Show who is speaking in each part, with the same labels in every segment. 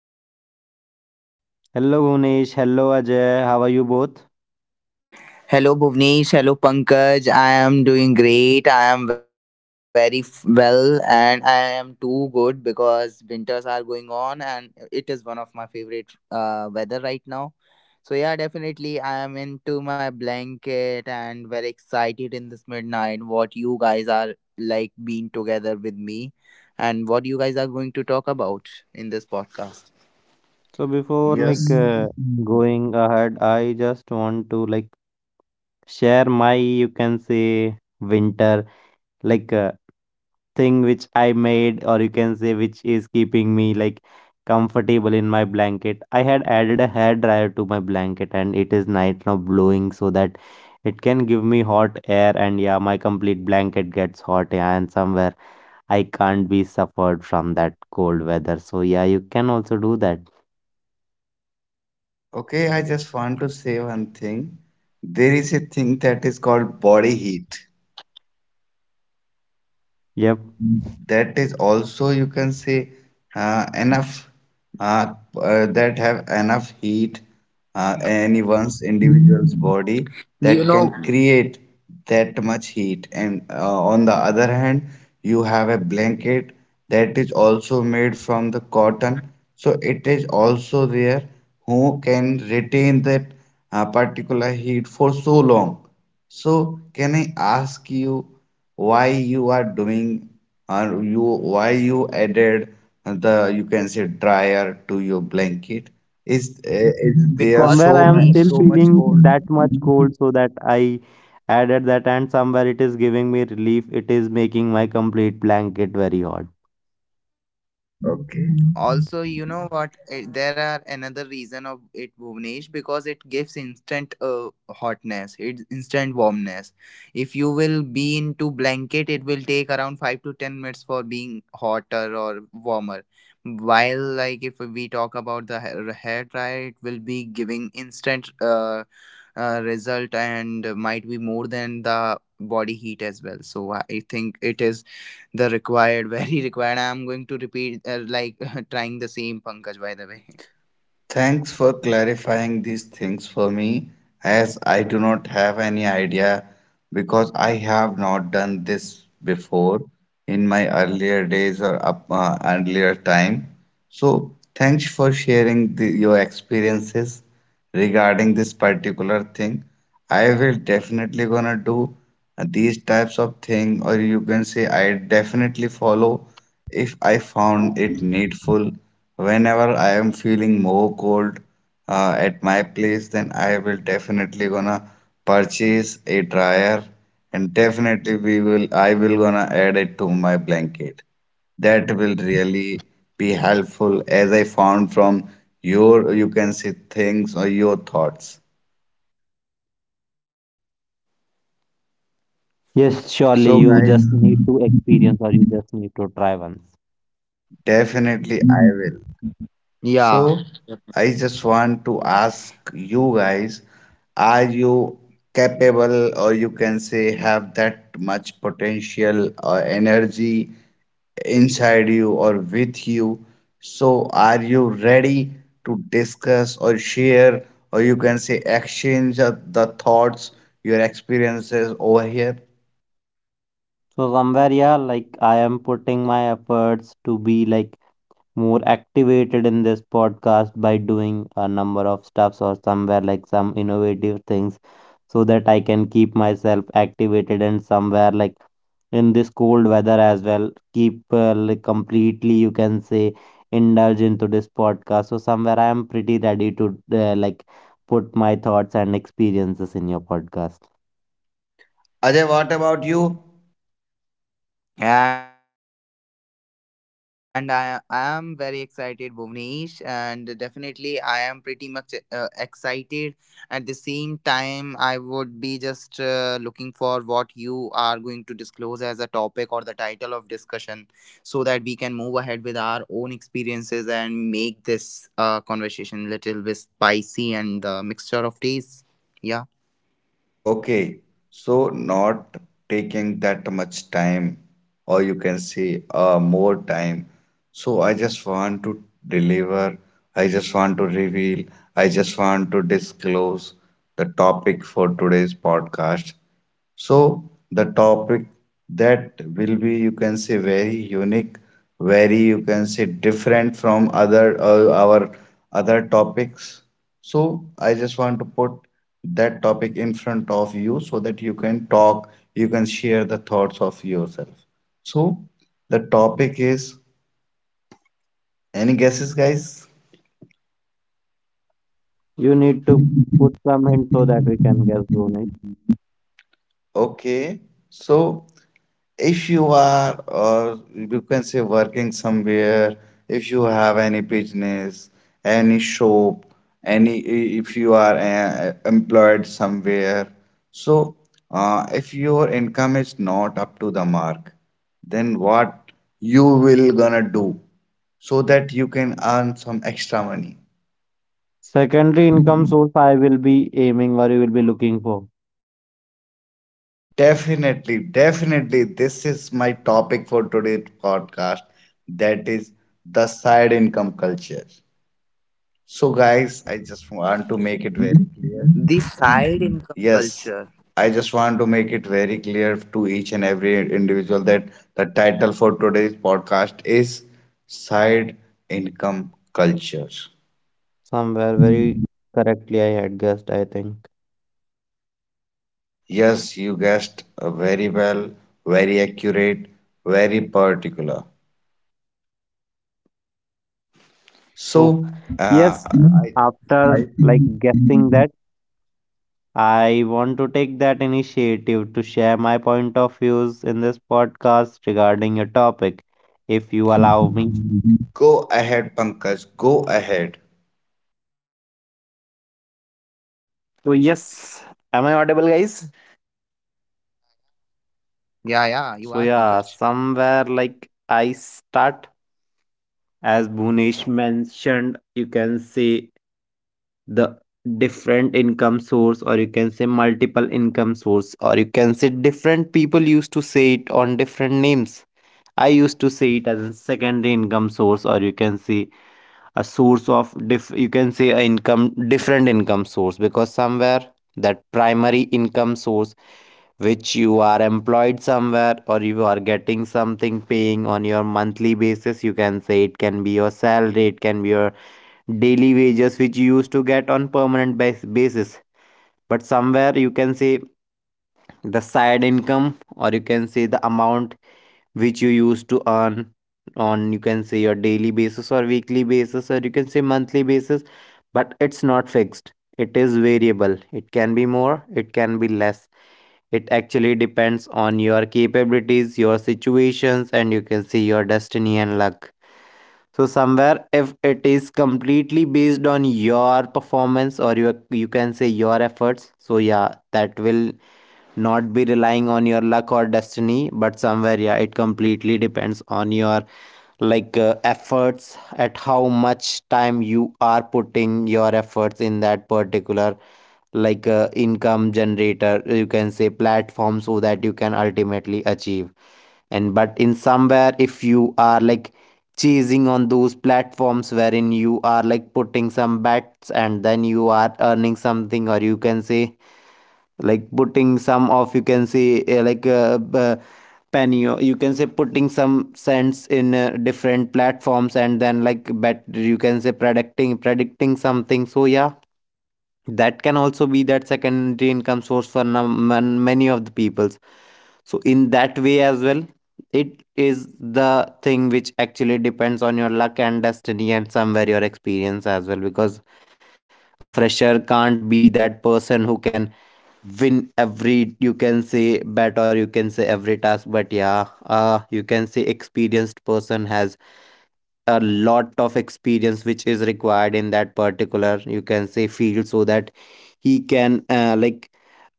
Speaker 1: another episode.
Speaker 2: Hello Gunesh, hello Ajay, how are you both?
Speaker 3: Hello Bhuvnesh, hello Pankaj. I am doing great. I am well and I am too good because winters are going on and it is one of my favorite weather right now. So yeah, definitely I am into my blanket and very excited in this midnight what you guys are like being together with me and what you guys are going to talk about in this podcast.
Speaker 2: So before
Speaker 1: Yes.
Speaker 2: going ahead, I just want to like share my, you can say, winter, like a thing which I made, or you can say which is keeping me like comfortable in my blanket. I had added a hair dryer to my blanket, and it is night now blowing so that it can give me hot air. And yeah, my complete blanket gets hot. Yeah, and somewhere I can't be suffered from that cold weather. So yeah, you can also do that.
Speaker 1: Okay, I just want to say one thing. There is a thing that is called body heat.
Speaker 2: Yep.
Speaker 1: That is also, you can say, enough that have enough heat, anyone's individual's
Speaker 3: You
Speaker 1: body
Speaker 3: know,
Speaker 1: that can create that much heat. And on the other hand, you have a blanket that is also made from the cotton, so it is also there who can retain that particular heat for so long. So can I ask you, why you are doing, or you, why you added the, you can say, dryer to your blanket? Is is
Speaker 3: because
Speaker 1: there
Speaker 2: Somewhere
Speaker 1: so
Speaker 2: I am
Speaker 3: Bhuvnesh
Speaker 1: much
Speaker 2: still
Speaker 1: so much
Speaker 2: feeling that much
Speaker 1: gold?
Speaker 2: cold, so that I added that, and somewhere it is giving me relief, it is making my complete blanket very hot.
Speaker 1: Okay.
Speaker 3: also there are another reason of it, Bhuvnesh, because it gives instant hotness, it's instant warmness. If you will be into blanket, it will take around 5 to 10 minutes for being hotter or warmer, while like if we talk about the hair dryer, it will be giving instant result and might be more than the body heat as well. So I think it is the required, very required. I'm going to repeat, like trying the same, Pankaj, by the way.
Speaker 1: Thanks for clarifying these things for me, as I do not have any idea because I have not done this before in my earlier days or up, earlier time. So, thanks for sharing the, your experiences regarding this particular thing. I will definitely gonna do these types of thing, or you can say I definitely follow if I found it needful. Whenever I am feeling more cold at my place, then I will definitely gonna purchase a dryer, and definitely we will I will gonna add it to my blanket. That will really be helpful, as I found from your, you can say, things or your thoughts.
Speaker 2: Yes, surely
Speaker 1: So
Speaker 2: you
Speaker 1: guys,
Speaker 2: just need to experience, or you just need to try once.
Speaker 1: definitely I will.
Speaker 3: Yeah.
Speaker 1: So I just want to ask you guys, are you capable, or you can say have that much potential or energy inside you or with you? So are you ready to discuss or share, or you can say exchange the thoughts, your experiences over here?
Speaker 2: So somewhere, yeah, like I am putting my efforts to be like more activated in this podcast by doing a number of stuffs, or somewhere like some innovative things, so that I can keep myself activated, and somewhere like in this cold weather as well keep like completely, you can say, indulge into this podcast. So somewhere I am pretty ready to like put my thoughts and experiences in your podcast.
Speaker 1: Ajay, what about you?
Speaker 3: And I am very excited, Bhuvnesh, and definitely I am pretty much excited. At the same time, I would be just looking for what you are going to disclose as a topic or the title of discussion, so that we can move ahead with our own experiences and make this conversation little bit spicy and the mixture of tastes. Yeah.
Speaker 1: Okay, so not taking that much time, or you can say more time. So I just want to deliver, I just want to reveal, I just want to disclose the topic for today's podcast. So the topic that will be, you can say, very unique, very, you can say, different from other our other topics. So I just want to put that topic in front of you so that you can talk, you can share the thoughts of yourself. So the topic is, any guesses, guys?
Speaker 2: You need to put some hint so that we can guess, Bhunesh.
Speaker 1: Okay. So if you are, or you can say working somewhere, if you have any business, any shop, any, if you are employed somewhere, so if your income is not up to the mark, then what you will gonna do so that you can earn some extra money?
Speaker 2: Secondary income source I will be aiming, or you will be looking for.
Speaker 1: Definitely, definitely, this is my topic for today's podcast, that is the side income culture. So, guys, I just want to make it very,
Speaker 3: The side income
Speaker 1: yes,
Speaker 3: culture.
Speaker 1: I just want to make it very clear to each and every individual that the title for today's podcast is Side Income Culture.
Speaker 2: Somewhere very correctly I had guessed, I think.
Speaker 1: Yes, you guessed very well, very accurate, very particular.
Speaker 2: So,
Speaker 1: So, uh,
Speaker 2: yes,
Speaker 1: I
Speaker 2: after like guessing that, I want to take that initiative to share my point of views in this podcast regarding a topic, if you allow me.
Speaker 1: go ahead, Pankaj, go ahead.
Speaker 2: So, yes, am I audible, guys?
Speaker 3: Yeah, yeah, you
Speaker 2: So,
Speaker 3: are,
Speaker 2: yeah,
Speaker 3: Pankaj.
Speaker 2: somewhere like I start. As Bhunesh mentioned, you can say the different income source, or you can say multiple income source, or you can say different people used to say it on different names. I used to see it as a secondary income source, or you can see a source of diff, you can say a income, different income source, because somewhere that primary income source which you are employed somewhere, or you are getting something paying on your monthly basis, you can say it can be your salary, it can be your daily wages which you used to get on basis. But somewhere you can say the side income, or you can say the amount which you used to earn on, you can say, your daily basis or weekly basis, or you can say monthly basis, but it's not fixed, it is variable, it can be more, it can be less. It actually depends on your capabilities, your situations, and you can see your destiny and luck. So somewhere if it is completely based on your performance or your, you can say, your efforts, so yeah, that will not be relying on your luck or destiny, but somewhere yeah, it completely depends on your efforts, at how much time you are putting your efforts in that particular income generator, you can say, platform, so that you can ultimately achieve. And but in somewhere if you are like chasing on those platforms wherein you are like putting some bets and then you are earning something, or you can say like putting some of, you can say, penny, or you can say putting some cents in different platforms and then like bet, you can say, predicting something. So yeah, that can also be that secondary income source for many of the peoples. So in that way as well, it is the thing which actually depends on your luck and destiny, and somewhere your experience as well, because a fresher can't be that person who can win every, you can say, bet, or you can say every task. But yeah, uh, you can say experienced person has a lot of experience which is required in that particular, you can say, field, so that he can uh, like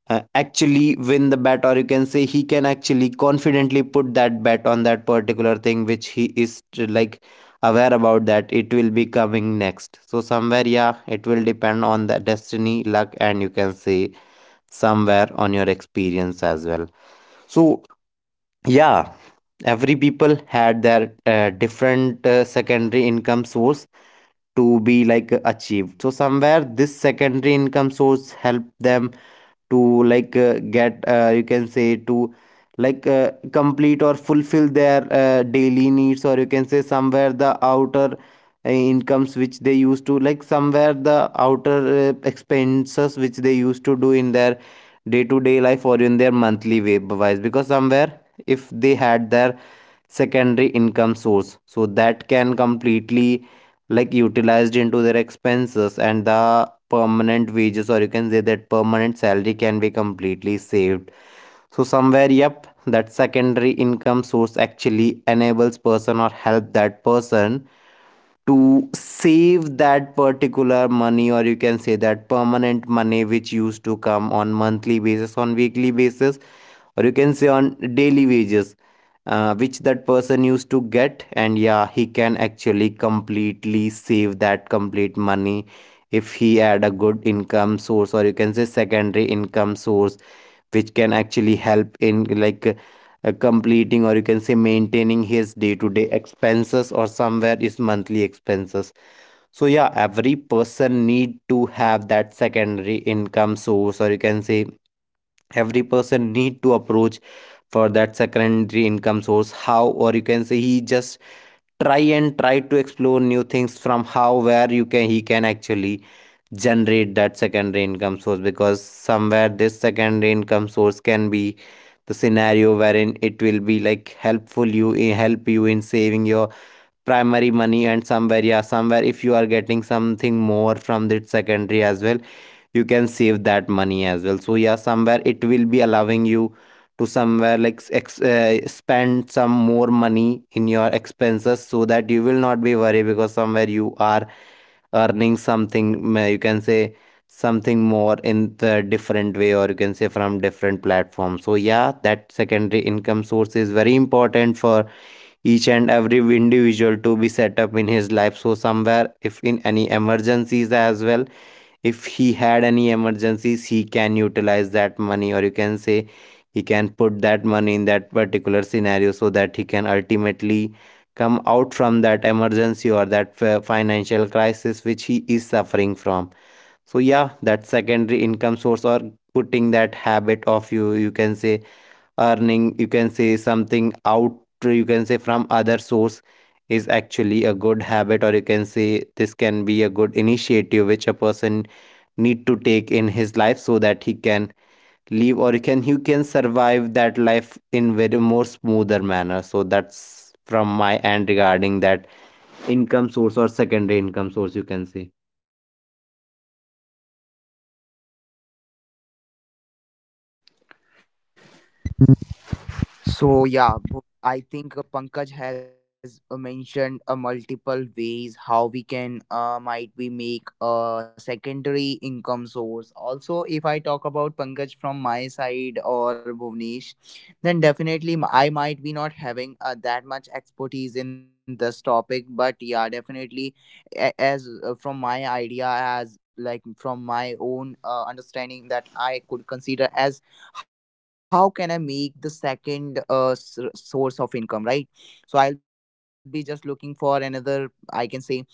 Speaker 2: uh, actually win the bet, or you can say he can actually confidently put that bet on that particular thing which he is like aware about, that it will be coming next. So somewhere yeah, it will depend on the destiny, luck, and you can say somewhere on your experience as well. So yeah, every people had their different secondary income source to be like achieved. So somewhere this secondary income source helped them to get, you can say, to complete or fulfill their daily needs, or you can say somewhere the outer incomes which they used to like, somewhere the outer expenses which they used to do in their day to day life, or in their monthly wise, because somewhere if they had their secondary income source, so that can completely like utilized into their expenses, and the permanent wages, or you can say that permanent salary can be completely saved. So somewhere, yep, that secondary income source actually enables person or help that person to save that particular money, or you can say that permanent money which used to come on monthly basis, on weekly basis, or you can say on daily wages, which that person used to get, and yeah, he can actually completely save that complete money if he had a good income source, or you can say secondary income source, which can actually help in like completing, or you can say maintaining his day-to-day expenses or somewhere his monthly expenses. So yeah, every person need to have that secondary income source, or you can say every person need to approach for that secondary income source, how, or you can say he just try and try to explore new things from how, where you can, he can actually generate that secondary income source, because somewhere this secondary income source can be the scenario wherein it will be like helpful, you help you in saving your primary money, and somewhere yeah, somewhere if you are getting something more from that secondary as well, you can save that money as well. So yeah, somewhere it will be allowing you to somewhere like spend some more money in your expenses, so that you will not be worried, because somewhere you are earning something, you can say something more in the different way, or you can say from different platforms. So yeah, that secondary income source is very important for each and every individual to be set up in his life. So somewhere if in any emergencies as well, if he had any emergencies, he can utilize that money, or you can say he can put that money in that particular scenario, so that he can ultimately come out from that emergency, or that financial crisis which he is suffering from. So yeah, that secondary income source, or putting that habit of you, you can say, earning, you can say, something out, you can say, from other source, is actually a good habit, or you can say this can be a good initiative which a person need to take in his life, so that he can live, or you can, you can survive that life in very more smoother manner. So that's from my end regarding that income source or secondary income source, you can say.
Speaker 3: So yeah, I think Pankaj has mentioned multiple ways how we can might we make a secondary income source. Also, if I talk about Pankaj from my side, or Bhuvnesh, then definitely I might be not having that much expertise in this topic. But yeah, definitely as from my idea, as like from my own understanding that I could consider as, how can I make the second source of income, right? So I'll be just looking for another, I can say,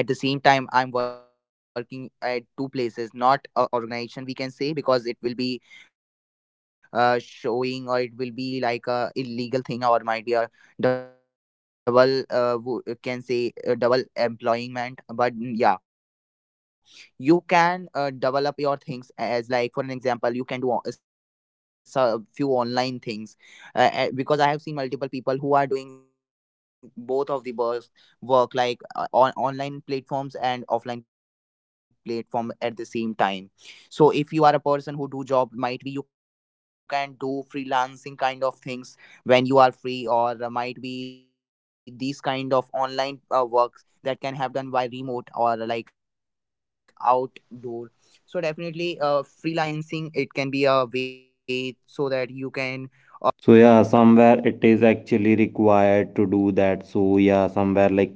Speaker 3: at the same time I'm working at two places, not a organization we can say, because it will be showing or it will be like a illegal thing or might be a double can say double employment. But mm, yeah, you can develop your things, as like for an example, you can do a few online things, because I have seen multiple people who are doing both of the works, work like on online platforms and offline platform at the same time. So if you are a person who do job, might be you can do freelancing kind of things when you are free, or might be these kind of online works that can have done by remote or like outdoor. So definitely, uh, freelancing, it can be a way so that you can
Speaker 2: So yeah, somewhere it is actually required to do that. So yeah, somewhere like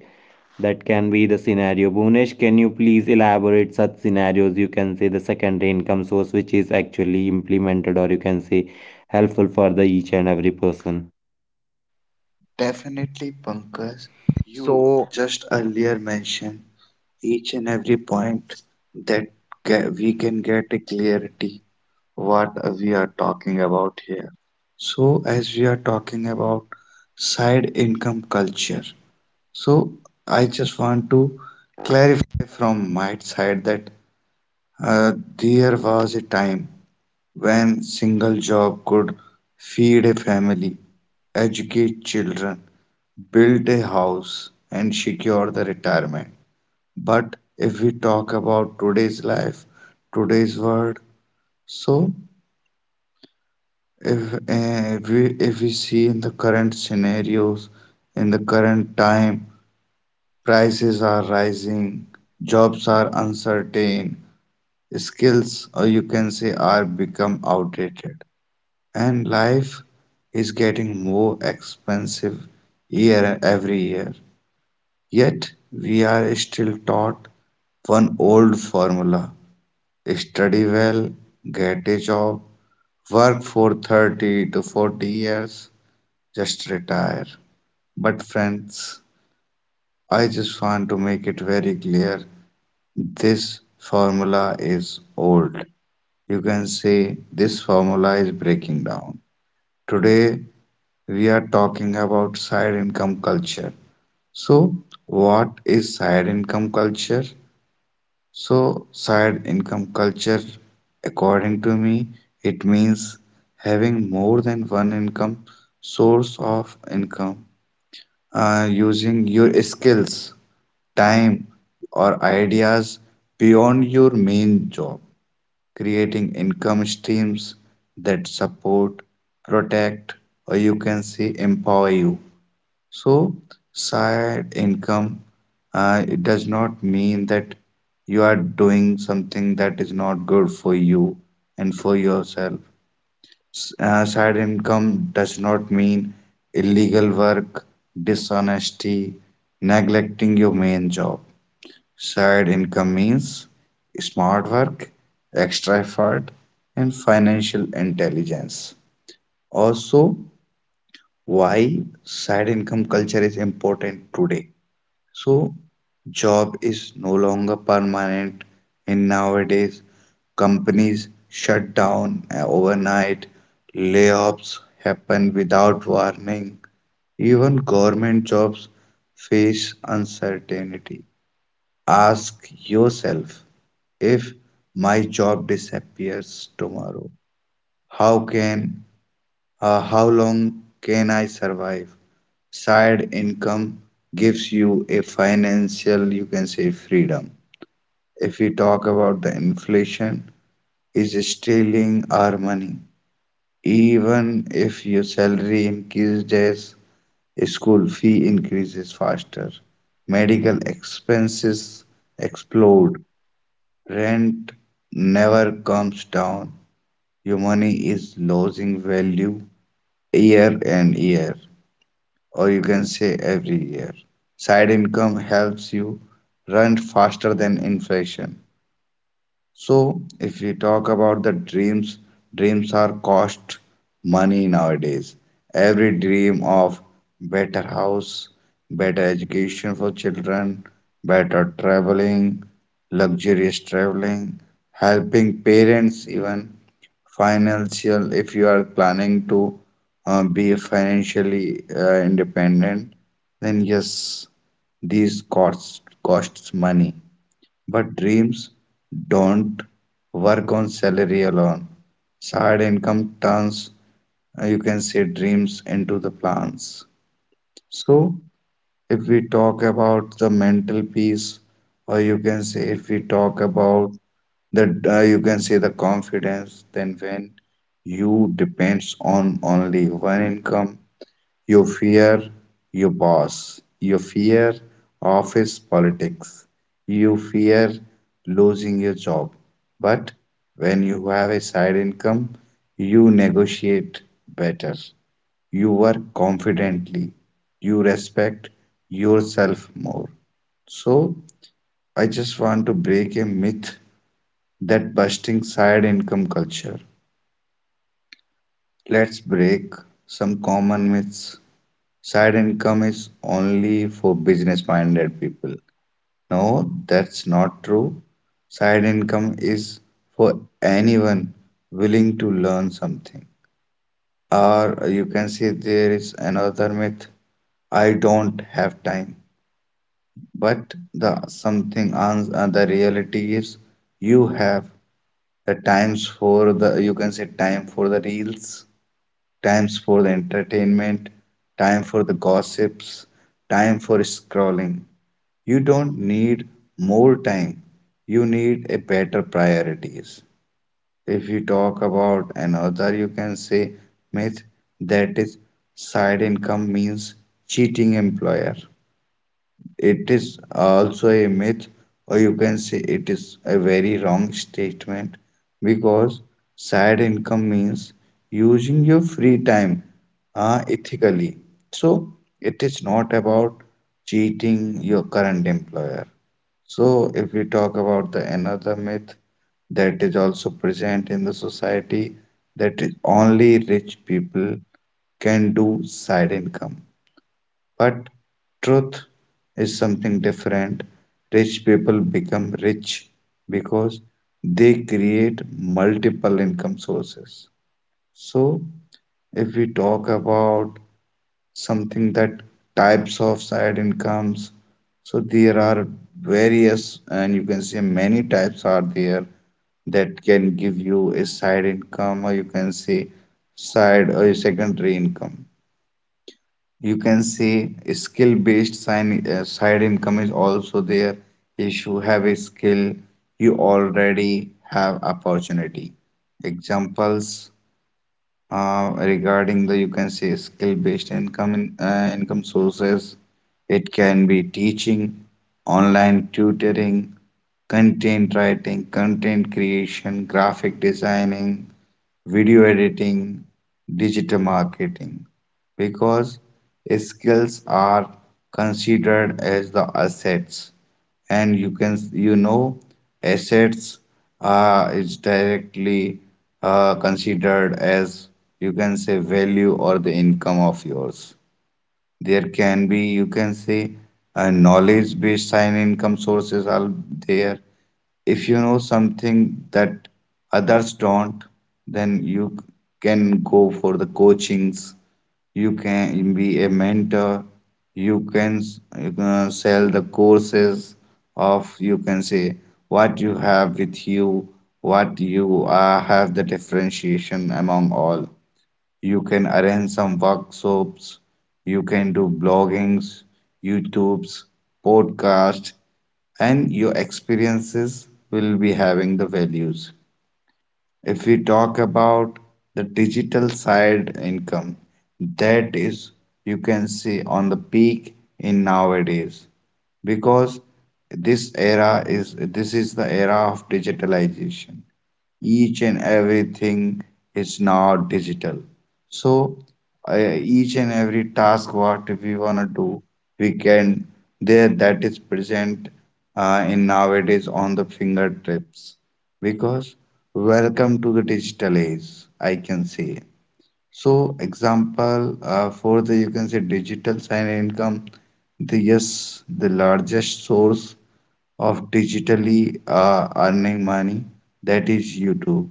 Speaker 2: that can be the scenario, Bhunesh. Can you please elaborate such scenarios, you can say the secondary income source which is actually implemented, or you can say helpful for the each and every person?
Speaker 1: Definitely, Pankaj. You
Speaker 3: so
Speaker 1: just earlier mentioned each and every point that we can get a clarity what we are talking about here. So as we are talking about side income culture, so I just want to clarify from my side that uh, there was a time when single job could feed a family, educate children, build a house, and secure the retirement. But if we talk about today's life, today's world, so if we see in the current scenarios, in the current time, prices are rising, jobs are uncertain, skills, or you can say, are become outdated, and life is getting more expensive year every year. Yet we are still taught one old formula: study well, get a job, work for 30 to 40 years, just retire. But, friends, I just want to make it very clear, this formula is old. You can say this formula is breaking down. Today, we are talking about side income culture. So, what is side income culture? So, side income culture, according to me, it means having more than one income, source of income, using your skills, time, or ideas beyond your main job, creating income streams that support, protect, or you can say empower you. So, side income, it does not mean that you are doing something that is not good for you and for yourself. Side income does not mean illegal work, dishonesty, neglecting your main job. Side income means smart work, extra effort, and financial intelligence. Also, why side income culture is important today. So job is no longer permanent, and nowadays companies shut down overnight, layoffs happen without warning, even government jobs face uncertainty. Ask yourself, if my job disappears tomorrow, how can how long can I survive? Side income gives you a financial, you can say, freedom. If we talk about the inflation, is stealing our money. Even if your salary increases, school fee increases faster, medical expenses explode, rent never comes down. Your money is losing value year and year, or you can say every year. Side income helps you run faster than inflation. So, if we talk about the dreams, dreams are cost money nowadays. Every dream of better house, better education for children, better traveling, luxurious traveling, helping parents, even financial. If you are planning to be financially independent, then yes, these costs costs money. But dreams don't work on salary alone. Side income turns, you can say, dreams into the plans. So, if we talk about the mental peace, or you can say, if we talk about the, you can say, the confidence, then when you depends on only one income, you fear your boss. You fear office politics. You fear losing your job. But when you have a side income, you negotiate better. You work confidently. You respect yourself more. So, I just want to break a myth that busting side income culture. Let's break some common myths. Side income is only for business minded people. No, that's not true. Side income is for anyone willing to learn something. Or you can say there is another myth, I don't have time. But the something ans the reality is you have the times for the, you can say, time for the reels, times for the entertainment, time for the gossips, time for scrolling. You don't need more time, you need a better priorities. If you talk about another, you can say, myth, that is, side income means cheating employer, it is also a myth, or you can say it is a very wrong statement, because side income means using your free time ethically. So it is not about cheating your current employer. So if we talk about the another myth that is also present in the society, that is, only rich people can do side income, but truth is something different. Rich people become rich because they create multiple income sources. So, if we talk about something that, types of side incomes, so there are various, and you can say many types are there that can give you a side income, or you can say side or a secondary income. You can say skill based sign side income is also there. If you have a skill, you already have opportunity. Examples regarding the, you can say, skill-based income in, income sources, it can be teaching, online tutoring, content writing, content creation, graphic designing, video editing, digital marketing, because skills are considered as the assets, and you can, you know, assets is directly considered as, you can say, value or the income of yours. There can be, you can say, knowledge-based side income sources are there. If you know something that others don't, then you can go for the coachings. You can be a mentor. You can you can sell the courses of, you can say, what you have with you, what you have the differentiation among all. You can arrange some workshops, you can do bloggings, YouTubes, podcasts, and your experiences will be having the values. If we talk about the digital side income, that is, you can see on the peak in nowadays, because this era is, this is the era of digitalization, each and everything is now digital. So each and every task what we wanna do, we can there, that is present in nowadays on the fingertips. Because welcome to the digital age, I can say. So example for the, you can say, digital sign income, the yes, the largest source of digitally earning money, that is YouTube.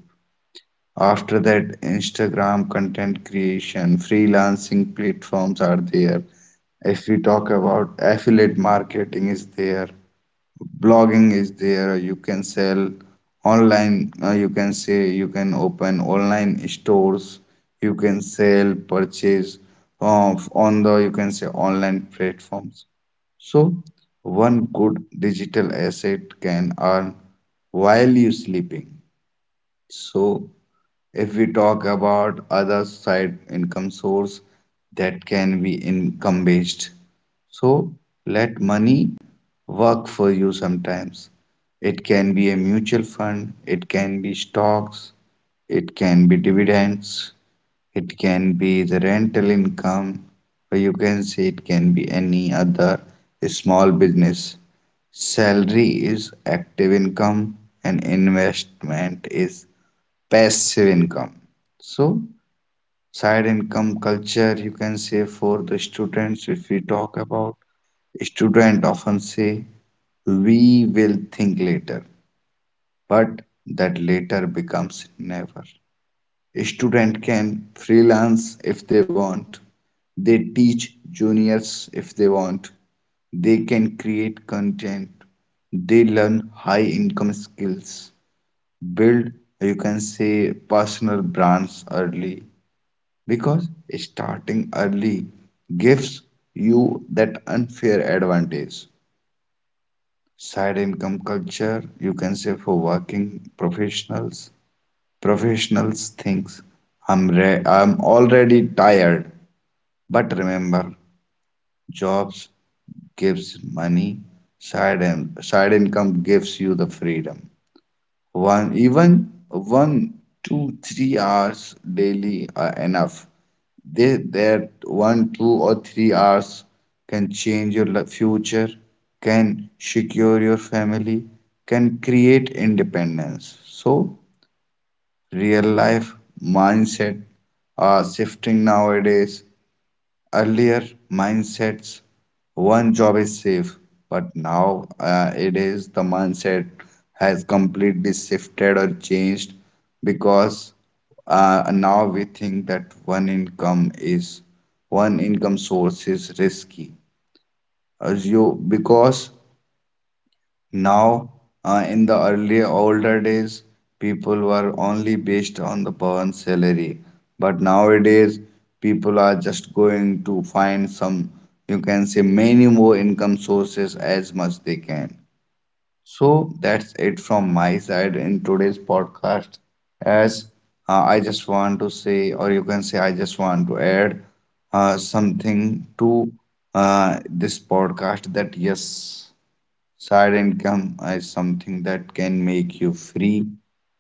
Speaker 1: After that, Instagram content creation, freelancing platforms are there. If we talk about affiliate marketing is there, blogging is there, you can sell online, you can say you can open online stores, you can sell purchase of on the, you can say, online platforms. So one good digital asset can earn while you sleeping. So, if we talk about other side income source that can be income based, so let money work for you sometimes. It can be a mutual fund, it can be stocks, it can be dividends, it can be the rental income, or you can say it can be any other small business. Salary is active income and investment is passive income. So, side income culture, you can say, for the students, if we talk about, student often say we will think later, but that later becomes never. A student can freelance if they want. They teach juniors if they want. They can create content. They learn high income skills, build, you can say, personal brands early, because starting early gives you that unfair advantage. Side income culture, you can say, for working professionals. Professionals thinks, I'm already tired, but remember, jobs gives money, side and side income gives you the freedom. One, even 1, 2, 3 hours daily are enough. That 1, 2 or 3 hours can change your future, can secure your family, can create independence. So real life mindset are shifting nowadays. Earlier mindsets, one job is safe, but now, it is the mindset has completely shifted or changed, because now we think that one income is, one income source is risky, as you, because now, in the early older days, people were only based on the per salary. But nowadays, people are just going to find some, you can say, many more income sources as much they can. So that's it from my side in today's podcast. As I just want to say, or you can say, I just want to add something to this podcast, that yes. Side income is something that can make you free,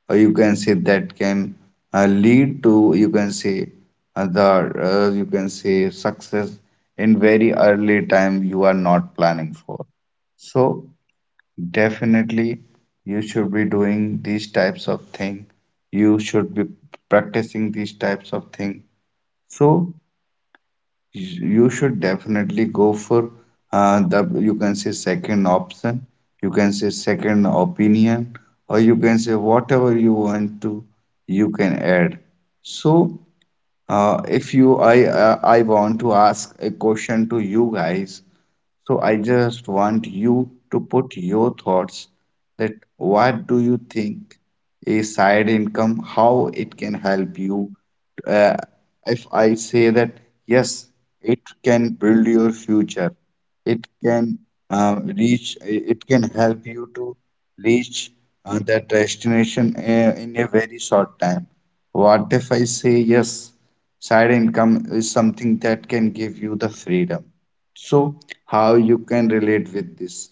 Speaker 1: or you can say that can lead to, you can say, you can say success in very early time you are not planning for. So definitely you should be doing these types of thing. You should be practicing these types of thing. So you should definitely go for the, you can say, second option, you can say second opinion, or you can say whatever you want to, you can add. So if you, I want to ask a question to you guys. So I just want you to put your thoughts, that what do you think a side income, how it can help you? Uh, if I say that yes, it can build your future, it can it can help you to reach that destination in a very short time. What if I say yes? Side income is something that can give you the freedom. So, how you can relate with this?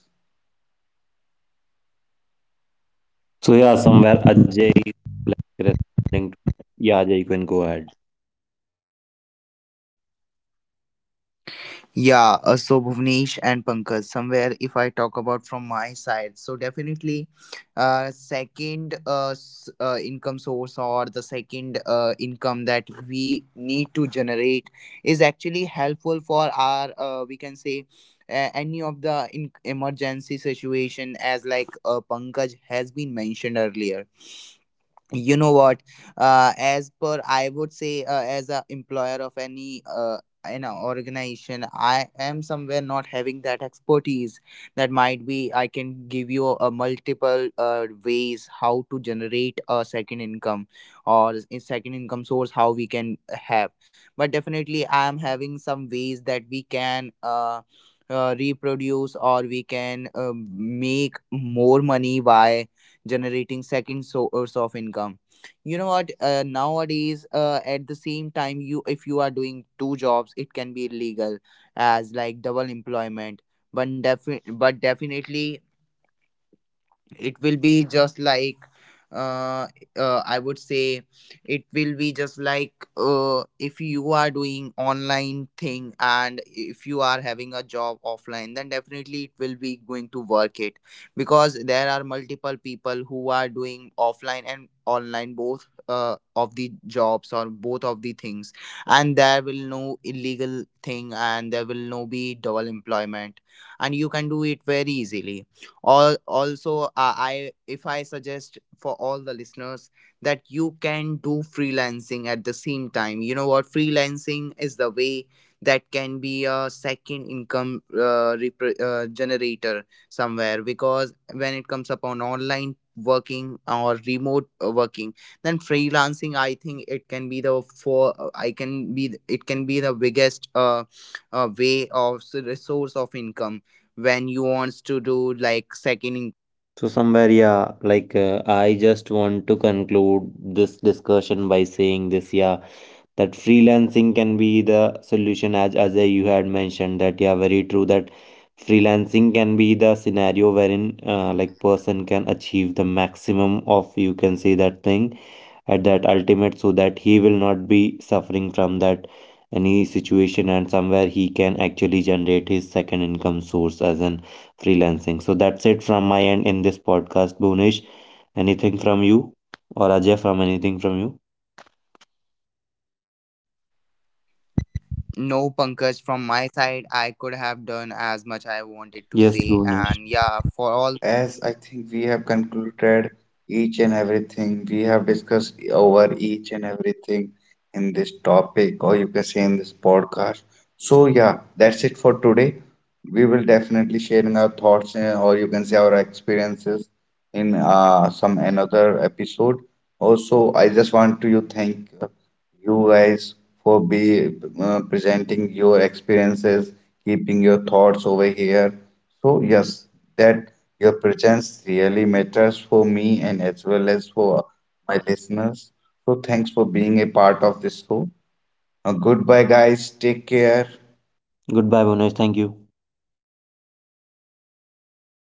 Speaker 2: So yeah, somewhere Ajay is like responding to that. Yeah, Ajay, you can go ahead.
Speaker 4: Yeah, so Bhuvnesh and Pankaj, somewhere if I talk about from my side, so definitely second income source, or the second income that we need to generate, is actually helpful for our, we can say, any of the emergency situation, as like Pankaj has been mentioned earlier. You know what, as per I would say, as a employer of any organization, I am somewhere not having that expertise, that might be I can give you a multiple ways how to generate a second income, or a second income source, how we can have. But definitely I am having some ways that we can reproduce, or we can make more money by generating second source of income. You know what, nowadays, at the same time, you if you are doing two jobs, it can be illegal, as like double employment. But definitely it will be just like, uh, I would say, it will be just like if you are doing online thing, and if you are having a job offline, then definitely it will be going to work, it because there are multiple people who are doing offline and online both of the jobs, or both of the things. And there will no illegal thing, and there will no be double employment, and you can do it very easily. Also, I if I suggest for all the listeners that you can do freelancing at the same time. You know what, freelancing is the way that can be a second income generator somewhere, because when it comes upon online working or remote working, then freelancing, I think, it can be it can be the biggest way of resource of income, when you wants to do like second.
Speaker 2: So somewhere yeah, I just want to conclude this discussion by saying this, yeah, that freelancing can be the solution, as Ajay you had mentioned that, yeah, very true that freelancing can be the scenario wherein
Speaker 4: Yeah.
Speaker 2: like person can achieve the maximum of, you can say, that thing at that ultimate, so that he will not be suffering from that any situation, and somewhere he can actually generate his second income source as an freelancing. So that's it from my end in this podcast, Bonish. Anything from you, or Ajay, from anything from you?
Speaker 4: No, Pankaj, from my side I could have done as much I wanted to
Speaker 2: Yes,
Speaker 4: say.
Speaker 2: Bonish.
Speaker 4: And yeah, for all,
Speaker 1: As I think we have concluded each and everything, we have discussed over each and everything in this topic, or you can say in this podcast. So, yeah, that's it for today. We will definitely sharing our thoughts, or you can say our experiences in some another episode. Also, I just want to you thank you guys for be, presenting your experiences, keeping your thoughts over here. So yes, that your presence really matters for me and as well as for my listeners. So thanks for being a part of this show. Goodbye, guys. Take care.
Speaker 2: Goodbye, Bonish, thank you.
Speaker 4: bye bye